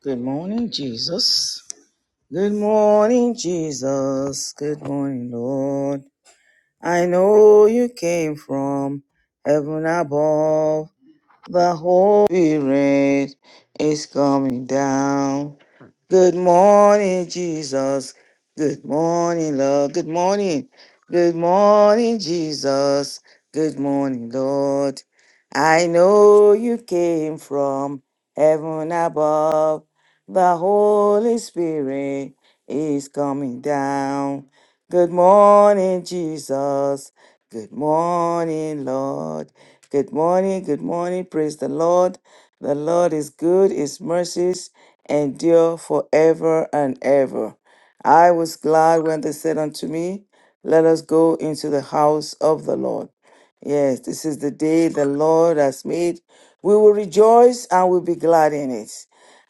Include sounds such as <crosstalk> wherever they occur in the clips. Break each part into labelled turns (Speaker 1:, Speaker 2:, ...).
Speaker 1: Good morning, Jesus. Good morning, Jesus. Good morning, Lord. I know you came from heaven above. The Holy Spirit is coming down. Good morning, Jesus. Good morning, Lord. Good morning. Good morning, Jesus. Good morning, Lord. I know you came from heaven above. The Holy Spirit is coming down. Good morning, Jesus. Good morning, Lord. Good morning, good morning. Praise the Lord. The Lord is good, his mercies endure forever and ever. I was glad when they said unto me, Let us go into the house of the Lord. Yes, this is the day the Lord has made. We will rejoice and we'll be glad in it.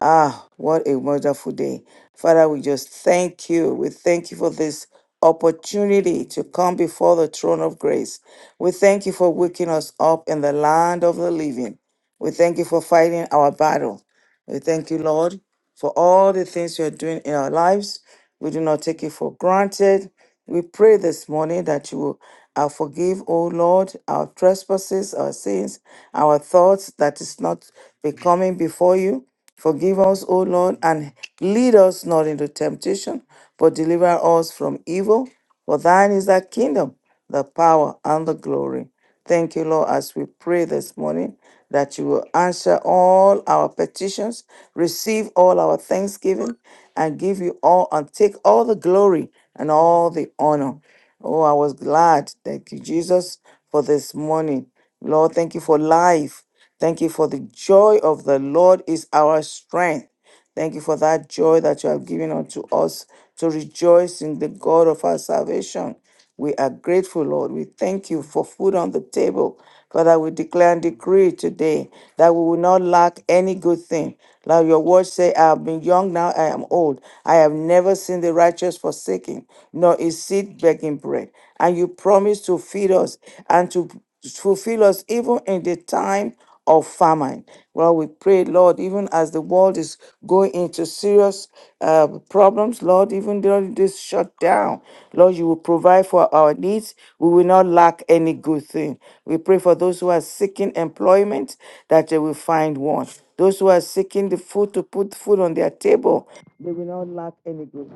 Speaker 1: Ah, what a wonderful day. Father, we just thank you. We thank you for this opportunity to come before the throne of grace. We thank you for waking us up in the land of the living. We thank you for fighting our battle. We thank you, Lord, for all the things you are doing in our lives. We do not take it for granted. We pray this morning that you will uh, forgive, O Lord, our trespasses, our sins, our thoughts that is not becoming before you. Forgive us, O Lord, and lead us not into temptation, but deliver us from evil. For thine is the kingdom, the power, and the glory. Thank you, Lord, as we pray this morning that you will answer all our petitions, receive all our thanksgiving, and give you all and take all the glory and all the honor. Oh, I was glad. Thank you, Jesus, for this morning. Lord, thank you for life. Thank you for the joy of the Lord is our strength. Thank you for that joy that you have given unto us to rejoice in the God of our salvation. We are grateful, Lord. We thank you for food on the table. Father, we declare and decree today that we will not lack any good thing. Now your words say, I have been young, now I am old. I have never seen the righteous forsaken, nor is seed begging bread. And you promise to feed us and to fulfill us even in the time of famine. Well, we pray, Lord, even as the world is going into serious uh, problems, Lord, even during this shutdown, Lord, you will provide for our needs. We will not lack any good thing. We pray for those who are seeking employment that they will find one. Those who are seeking the food to put food on their table, they will not lack any good.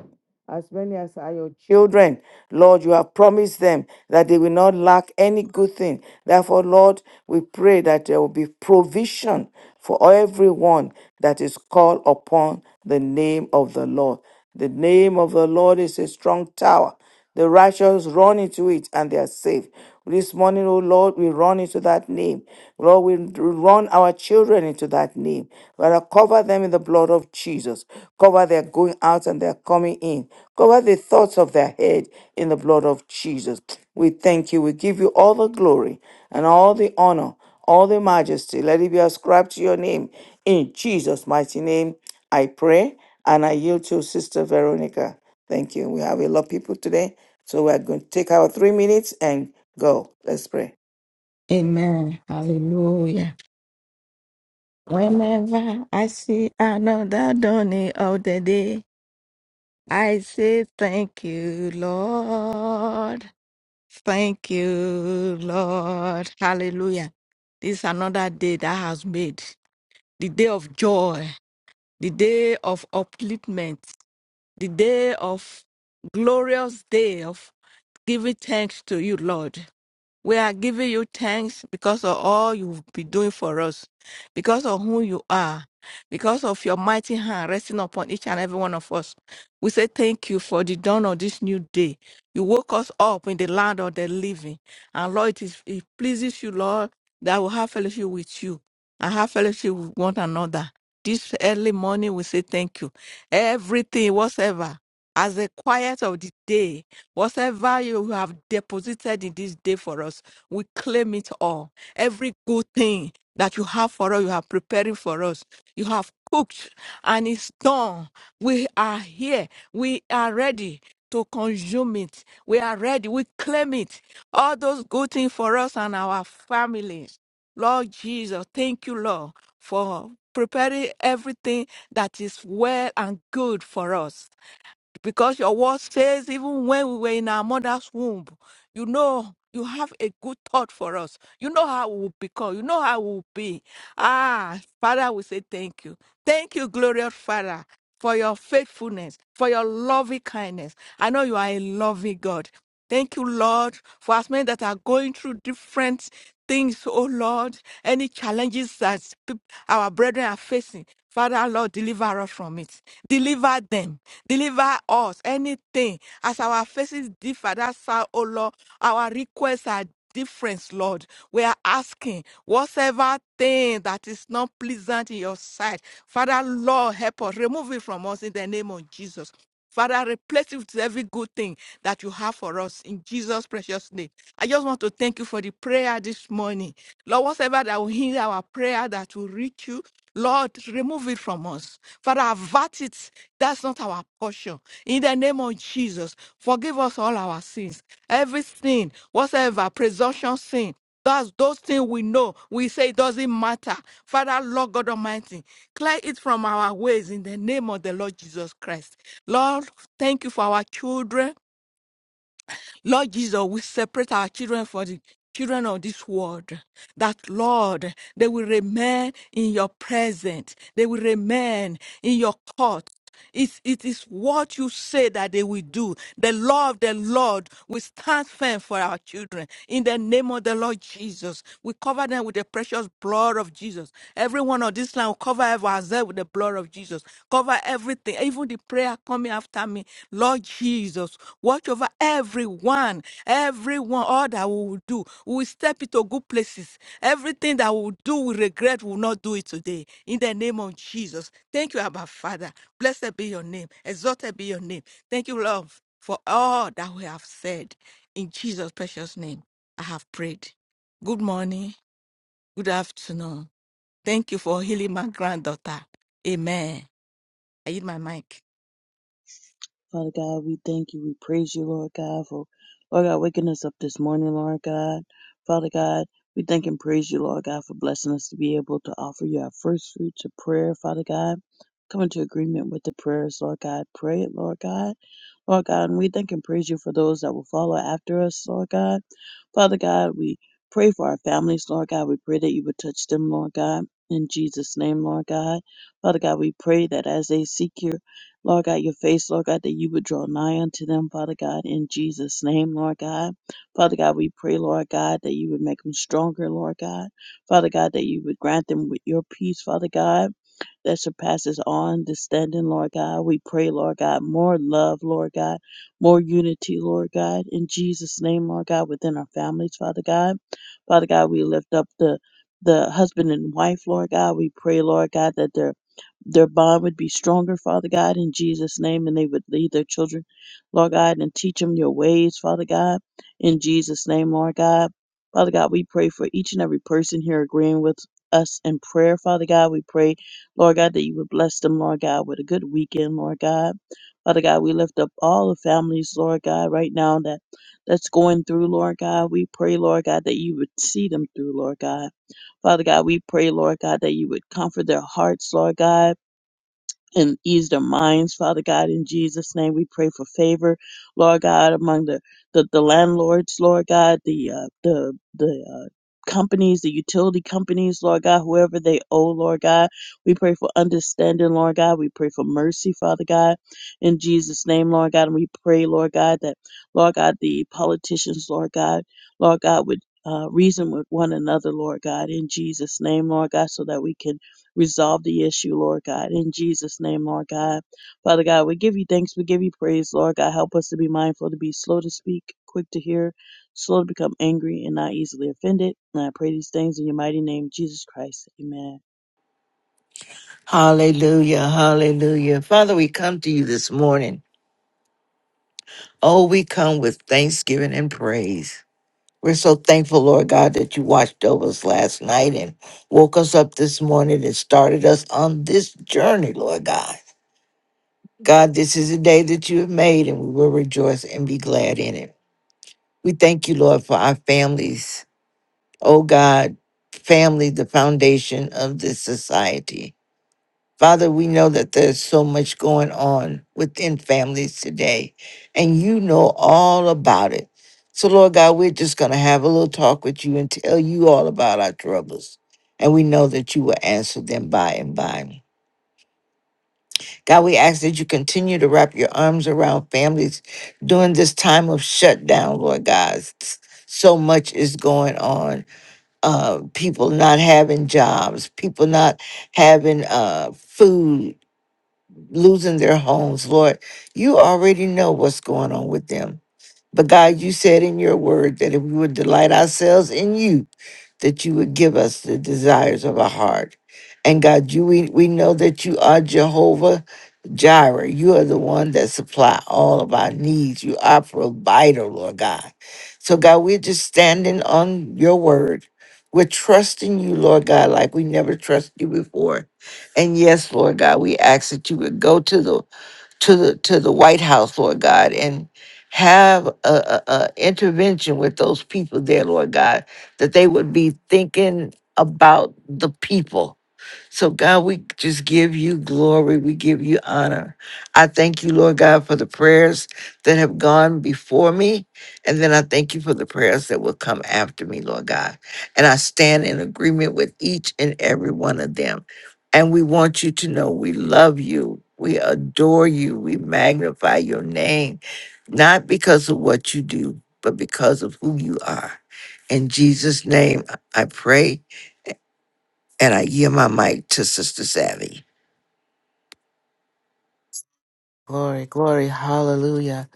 Speaker 1: As many as are your children, Lord, you have promised them that they will not lack any good thing. Therefore, Lord, we pray that there will be provision for everyone that is called upon the name of the Lord. The name of the Lord is a strong tower the righteous run into it and they are saved. This morning, oh Lord, we run into that name. Lord, we run our children into that name. Lord, cover them in the blood of Jesus. Cover their going out and their coming in. Cover the thoughts of their head in the blood of Jesus. We thank you. We give you all the glory and all the honor, all the majesty. Let it be ascribed to your name. In Jesus' mighty name, I pray and I yield to Sister Veronica. Thank you. We have a lot of people today, so we're going to take our three minutes and go. Let's pray.
Speaker 2: Amen. Hallelujah. Whenever I see another dawning of the day, I say thank you, Lord. Thank you, Lord. Hallelujah. This is another day that has made the day of joy, the day of upliftment, the day of glorious day of giving thanks to you, Lord. We are giving you thanks because of all you've been doing for us, because of who you are, because of your mighty hand resting upon each and every one of us. We say thank you for the dawn of this new day. You woke us up in the land of the living. And Lord, it, is, it pleases you, Lord, that we have fellowship with you and have fellowship with one another. This early morning, we say thank you. Everything, whatsoever as the quiet of the day, whatever you have deposited in this day for us, we claim it all. Every good thing that you have for us, you are preparing for us. You have cooked and it's done. We are here. We are ready to consume it. We are ready. We claim it. All those good things for us and our families. Lord Jesus, thank you, Lord, for preparing everything that is well and good for us because your word says even when we were in our mother's womb you know you have a good thought for us you know how we will become you know how we will be ah father we say thank you thank you glorious father for your faithfulness for your loving kindness i know you are a loving god Thank you, Lord, for us men that are going through different things, oh Lord, any challenges that peop- our brethren are facing. Father, Lord, deliver us from it. Deliver them. Deliver us. Anything. As our faces differ, that's how, oh Lord, our requests are different, Lord. We are asking whatsoever thing that is not pleasant in your sight. Father, Lord, help us. Remove it from us in the name of Jesus. Father, replace it with every good thing that you have for us in Jesus' precious name. I just want to thank you for the prayer this morning. Lord, whatever that will hinder our prayer that will reach you, Lord, remove it from us. Father, avert it. That's not our portion. In the name of Jesus, forgive us all our sins. Every sin, whatever presumption sin. That's those things we know. We say it doesn't matter. Father, Lord God Almighty, clear it from our ways in the name of the Lord Jesus Christ. Lord, thank you for our children. Lord Jesus, we separate our children for the children of this world. That, Lord, they will remain in your presence. They will remain in your court. It, it is what you say that they will do. The law of the Lord will stand firm for our children. In the name of the Lord Jesus, we cover them with the precious blood of Jesus. Everyone on this line Cover ourselves with the blood of Jesus. Cover everything, even the prayer coming after me. Lord Jesus, watch over everyone, everyone, all that we will do. We will step into good places. Everything that we will do, we regret, we will not do it today. In the name of Jesus. Thank you, Abba Father. Blessed be your name. Exalted be your name. Thank you, Lord, for all that we have said. In Jesus' precious name, I have prayed. Good morning, good afternoon. Thank you for healing my granddaughter. Amen. I eat my mic.
Speaker 3: Father God, we thank you. We praise you, Lord God, for Lord God waking us up this morning, Lord God. Father God, we thank and praise you, Lord God, for blessing us to be able to offer you our first fruits of prayer, Father God. Come into agreement with the prayers, Lord God. Pray it, Lord God. Lord God, and we thank and praise you for those that will follow after us, Lord God. Father God, we pray for our families, Lord God. We pray that you would touch them, Lord God. In Jesus' name, Lord God. Father God, we pray that as they seek you. Lord God, your face, Lord God, that you would draw nigh unto them, Father God, in Jesus' name, Lord God. Father God, we pray, Lord God, that you would make them stronger, Lord God. Father God, that you would grant them with your peace, Father God, that surpasses all understanding, Lord God. We pray, Lord God, more love, Lord God, more unity, Lord God, in Jesus' name, Lord God, within our families, Father God. Father God, we lift up the the husband and wife, Lord God. We pray, Lord God, that their their bond would be stronger, Father God, in Jesus' name, and they would lead their children, Lord God, and teach them your ways, Father God, in Jesus' name, Lord God. Father God, we pray for each and every person here agreeing with us in prayer, Father God. We pray, Lord God, that you would bless them, Lord God, with a good weekend, Lord God. Father God, we lift up all the families, Lord God, right now that that's going through, Lord God. We pray, Lord God, that you would see them through, Lord God. Father God, we pray, Lord God, that you would comfort their hearts, Lord God and ease their minds, Father God, in Jesus' name. We pray for favor, Lord God, among the, the, the landlords, Lord God, the uh, the the uh, companies, the utility companies, Lord God, whoever they owe, Lord God. We pray for understanding, Lord God. We pray for mercy, Father God, in Jesus' name, Lord God. And we pray, Lord God, that, Lord God, the politicians, Lord God, Lord God, would uh, reason with one another, Lord God, in Jesus' name, Lord God, so that we can resolve the issue, Lord God. In Jesus' name, Lord God. Father God, we give you thanks. We give you praise, Lord God. Help us to be mindful, to be slow to speak, quick to hear, slow to become angry, and not easily offended. And I pray these things in your mighty name, Jesus Christ. Amen.
Speaker 4: Hallelujah, hallelujah. Father, we come to you this morning. Oh, we come with thanksgiving and praise. We're so thankful, Lord God, that you watched over us last night and woke us up this morning and started us on this journey, Lord God. God, this is a day that you have made and we will rejoice and be glad in it. We thank you, Lord, for our families. Oh, God, family, the foundation of this society. Father, we know that there's so much going on within families today, and you know all about it. So, Lord God, we're just going to have a little talk with you and tell you all about our troubles. And we know that you will answer them by and by. God, we ask that you continue to wrap your arms around families during this time of shutdown, Lord God. S- So much is going on. Uh, people not having jobs, people not having uh, food, losing their homes, Lord. You already know what's going on with them. But God, you said in your word that if we would delight ourselves in you, that you would give us the desires of our heart. And God, you we, we know that you are Jehovah Jireh. You are the one that supply all of our needs. You are provider, Lord God. So God, we're just standing on your word. We're trusting you, Lord God, like we never trusted you before. And yes, Lord God, we ask that you would go to the to the to the White House, Lord God, and have a, a, a intervention with those people there, Lord God, that they would be thinking about the people so, God, we just give you glory. We give you honor. I thank you, Lord God, for the prayers that have gone before me. And then I thank you for the prayers that will come after me, Lord God. And I stand in agreement with each and every one of them. And we want you to know we love you. We adore you. We magnify your name, not because of what you do, but because of who you are. In Jesus' name, I pray and I yield my mic to Sister Savvy.
Speaker 5: Glory, glory, hallelujah.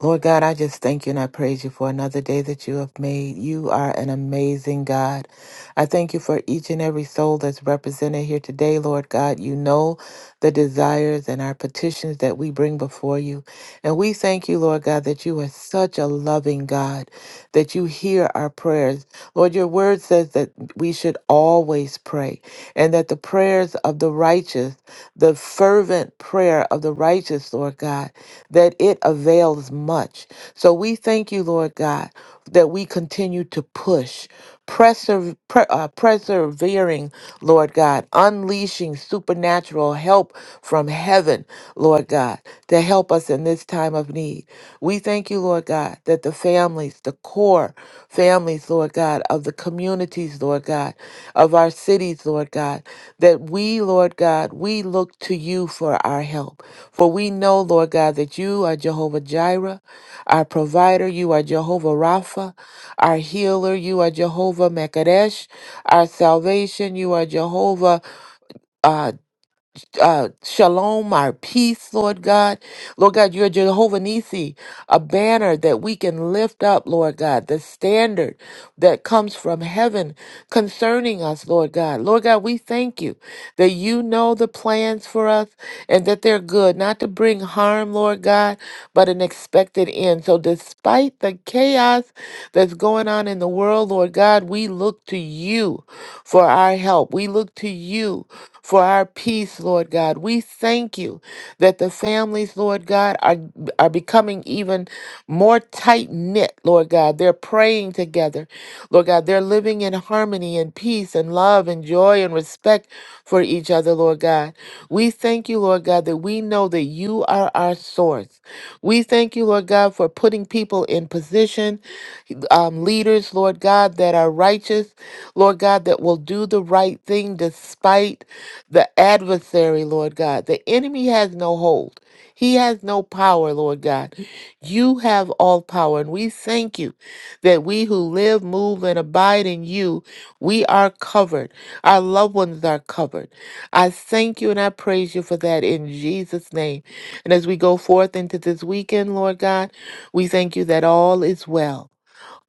Speaker 5: Lord God, I just thank you and I praise you for another day that you have made. You are an amazing God. I thank you for each and every soul that's represented here today, Lord God. You know the desires and our petitions that we bring before you. And we thank you, Lord God, that you are such a loving God, that you hear our prayers. Lord, your word says that we should always pray and that the prayers of the righteous, the fervent prayer of the righteous, Lord God, that it avails much. So we thank you, Lord God, that we continue to push, preserve, pre- uh, persevering, Lord God, unleashing supernatural help from heaven Lord God, to help us in this time of need. We thank you, Lord God, that the families, the core families, Lord God, of the communities, Lord God, of our cities, Lord God, that we, Lord God, we look to you for our help. For we know, Lord God, that you are Jehovah Jireh, our provider. You are Jehovah Rapha, our healer. You are Jehovah Mekadesh, our salvation. You are Jehovah. uh, uh, shalom, our peace, Lord God. Lord God, you're Jehovah Nissi, a banner that we can lift up, Lord God, the standard that comes from heaven concerning us, Lord God. Lord God, we thank you that you know the plans for us and that they're good, not to bring harm, Lord God, but an expected end. So despite the the chaos that's going on in the world, Lord God, we look to you for our help. We look to you for our peace, Lord God. We thank you that the families, Lord God, are, are becoming even more tight knit, Lord God. They're praying together, Lord God. They're living in harmony and peace and love and joy and respect respect for each other, Lord God. We thank you, Lord God, that we know that you are our source. We thank you, Lord God, for putting people in position, um, leaders, Lord God, that are righteous, Lord God, that will do the right thing despite the adversary, Lord God. The enemy has no hold. He has no power, Lord God. You have all power. And we thank you that we who live, move, and abide in you, we are covered. Our loved ones are covered. I thank you and I praise you for that in Jesus' name. And as we go forth into this weekend, Lord God, we thank you that all is well.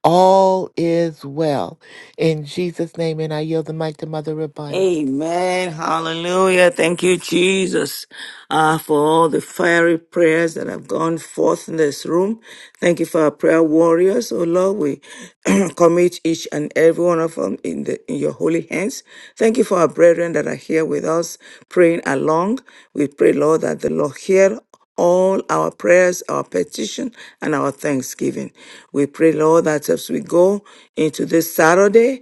Speaker 5: All is well. In Jesus' name, and I yield the mic to Mother Rabun.
Speaker 1: Amen. Hallelujah. Thank you, Jesus, uh, for all the fiery prayers that have gone forth in this room. Thank you for our prayer warriors. Oh Lord, we <clears throat> commit each and every one of them in, the, in your holy hands. Thank you for our brethren that are here with us praying along. We pray, Lord, that the Lord hear all our prayers, our petition, and our thanksgiving. We pray, Lord, that as we go into this Saturday,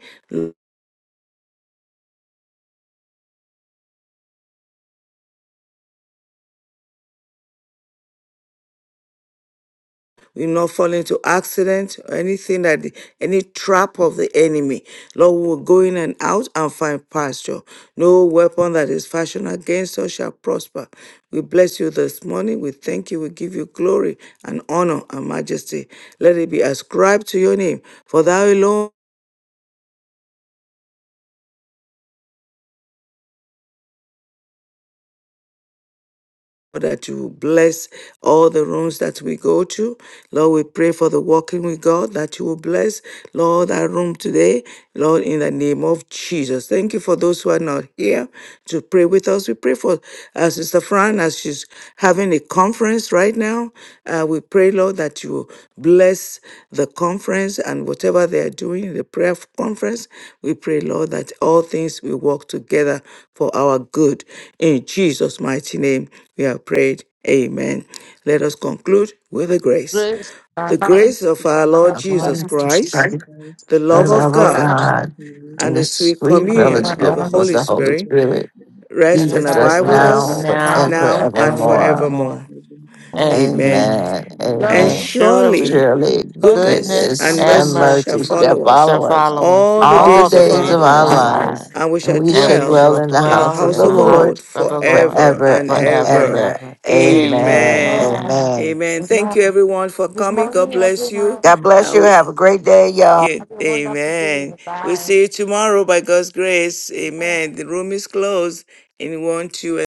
Speaker 1: we not fall into accident or anything that the, any trap of the enemy. Lord, we will go in and out and find pasture. No weapon that is fashioned against us shall prosper. We bless you this morning. We thank you. We give you glory and honor and majesty. Let it be ascribed to your name. For thou alone that you bless all the rooms that we go to. Lord, we pray for the walking with God that you will bless, Lord, that room today, Lord, in the name of Jesus. Thank you for those who are not here to pray with us. We pray for uh, Sister Fran as she's having a conference right now. Uh, we pray, Lord, that you bless the conference and whatever they are doing in the prayer conference. We pray, Lord, that all things will work together for our good. In Jesus' mighty name. We have prayed. Amen. Let us conclude with the grace.
Speaker 2: Grace
Speaker 1: The grace
Speaker 3: The
Speaker 1: of our Lord
Speaker 4: Our
Speaker 3: grace
Speaker 2: that
Speaker 3: of
Speaker 4: Lord
Speaker 1: Jesus
Speaker 4: and
Speaker 3: our Lord
Speaker 1: Christ,
Speaker 3: Jesus
Speaker 4: Savior,
Speaker 3: Christ,
Speaker 1: the
Speaker 4: the
Speaker 1: love
Speaker 2: forgiveness of
Speaker 1: of
Speaker 4: love
Speaker 2: the
Speaker 4: of
Speaker 1: God,
Speaker 2: Lord
Speaker 3: love of
Speaker 4: God,
Speaker 3: God,
Speaker 1: and
Speaker 4: and the
Speaker 1: the sweet
Speaker 4: sweet
Speaker 3: and the
Speaker 1: communion
Speaker 3: sweet
Speaker 1: of the
Speaker 4: fellowship
Speaker 2: for
Speaker 4: of
Speaker 2: us
Speaker 1: Holy
Speaker 4: the
Speaker 3: communion
Speaker 4: Holy
Speaker 3: of
Speaker 1: Spirit
Speaker 3: the Holy
Speaker 4: Spirit
Speaker 3: Spirit,
Speaker 4: be
Speaker 1: rest
Speaker 5: and
Speaker 1: and
Speaker 4: with
Speaker 5: abide
Speaker 4: us
Speaker 1: abide
Speaker 5: with
Speaker 1: with
Speaker 3: rest
Speaker 5: us
Speaker 3: in
Speaker 4: now
Speaker 1: us
Speaker 3: abide
Speaker 5: now
Speaker 4: and
Speaker 3: with us
Speaker 1: now
Speaker 5: and
Speaker 1: and
Speaker 3: now
Speaker 4: forevermore.
Speaker 3: and
Speaker 1: forevermore.
Speaker 5: forevermore.
Speaker 3: forevermore.
Speaker 2: and
Speaker 1: Amen.
Speaker 5: Amen.
Speaker 4: Amen.
Speaker 3: Amen.
Speaker 1: And
Speaker 5: And
Speaker 2: surely
Speaker 4: Amen.
Speaker 1: surely
Speaker 5: surely.
Speaker 3: And feel the
Speaker 4: Surely
Speaker 2: God's goodness
Speaker 1: Goodness
Speaker 2: and
Speaker 5: Goodness
Speaker 4: goodness
Speaker 1: and
Speaker 2: mercy
Speaker 5: and
Speaker 4: and
Speaker 3: goodness
Speaker 1: mercy shall
Speaker 4: mercy
Speaker 5: mercy
Speaker 3: and
Speaker 2: for
Speaker 4: shall
Speaker 1: follow
Speaker 3: mercy
Speaker 1: us
Speaker 5: shall
Speaker 4: follow
Speaker 3: of
Speaker 4: us
Speaker 3: God
Speaker 5: follow us
Speaker 1: all the
Speaker 2: us
Speaker 4: all the
Speaker 5: all
Speaker 2: and
Speaker 1: days
Speaker 5: the
Speaker 1: of
Speaker 4: days
Speaker 3: all
Speaker 1: our
Speaker 5: days
Speaker 4: of
Speaker 3: the
Speaker 2: Jesus.
Speaker 5: of
Speaker 4: our
Speaker 3: days
Speaker 5: our
Speaker 1: lives,
Speaker 3: of our
Speaker 2: Amen.
Speaker 4: lives,
Speaker 5: lives,
Speaker 3: life.
Speaker 1: and we
Speaker 4: and
Speaker 1: shall
Speaker 4: we
Speaker 5: and
Speaker 4: shall
Speaker 5: we
Speaker 1: dwell
Speaker 3: Which
Speaker 4: dwell
Speaker 5: shall
Speaker 3: are
Speaker 4: in the
Speaker 1: in
Speaker 3: more
Speaker 1: the
Speaker 4: house
Speaker 5: dwell
Speaker 4: of
Speaker 1: house
Speaker 4: the
Speaker 5: in
Speaker 1: of
Speaker 5: the
Speaker 3: than
Speaker 1: the
Speaker 5: heart
Speaker 3: enough
Speaker 4: Lord
Speaker 1: Lord
Speaker 5: of
Speaker 3: to
Speaker 5: the Lord
Speaker 1: forever
Speaker 4: forever
Speaker 1: and
Speaker 3: do
Speaker 4: and
Speaker 3: better
Speaker 5: forever
Speaker 3: than
Speaker 5: and
Speaker 1: ever.
Speaker 3: what
Speaker 4: ever.
Speaker 5: ever.
Speaker 3: do.
Speaker 4: Amen.
Speaker 1: Amen.
Speaker 5: Amen.
Speaker 4: Amen.
Speaker 1: Amen. Thank you,
Speaker 2: Amen.
Speaker 1: everyone, for
Speaker 2: Good
Speaker 1: coming. God
Speaker 2: morning,
Speaker 1: bless you.
Speaker 2: everyone.
Speaker 4: God
Speaker 1: I
Speaker 4: bless you.
Speaker 1: w-
Speaker 4: Have a great day, y'all.
Speaker 1: yeah,
Speaker 2: Have a wonderful
Speaker 1: amen.
Speaker 2: day.
Speaker 1: We'll
Speaker 2: Bye.
Speaker 1: see you tomorrow by God's grace.
Speaker 2: Amen.
Speaker 1: Amen. The room is closed in one, two,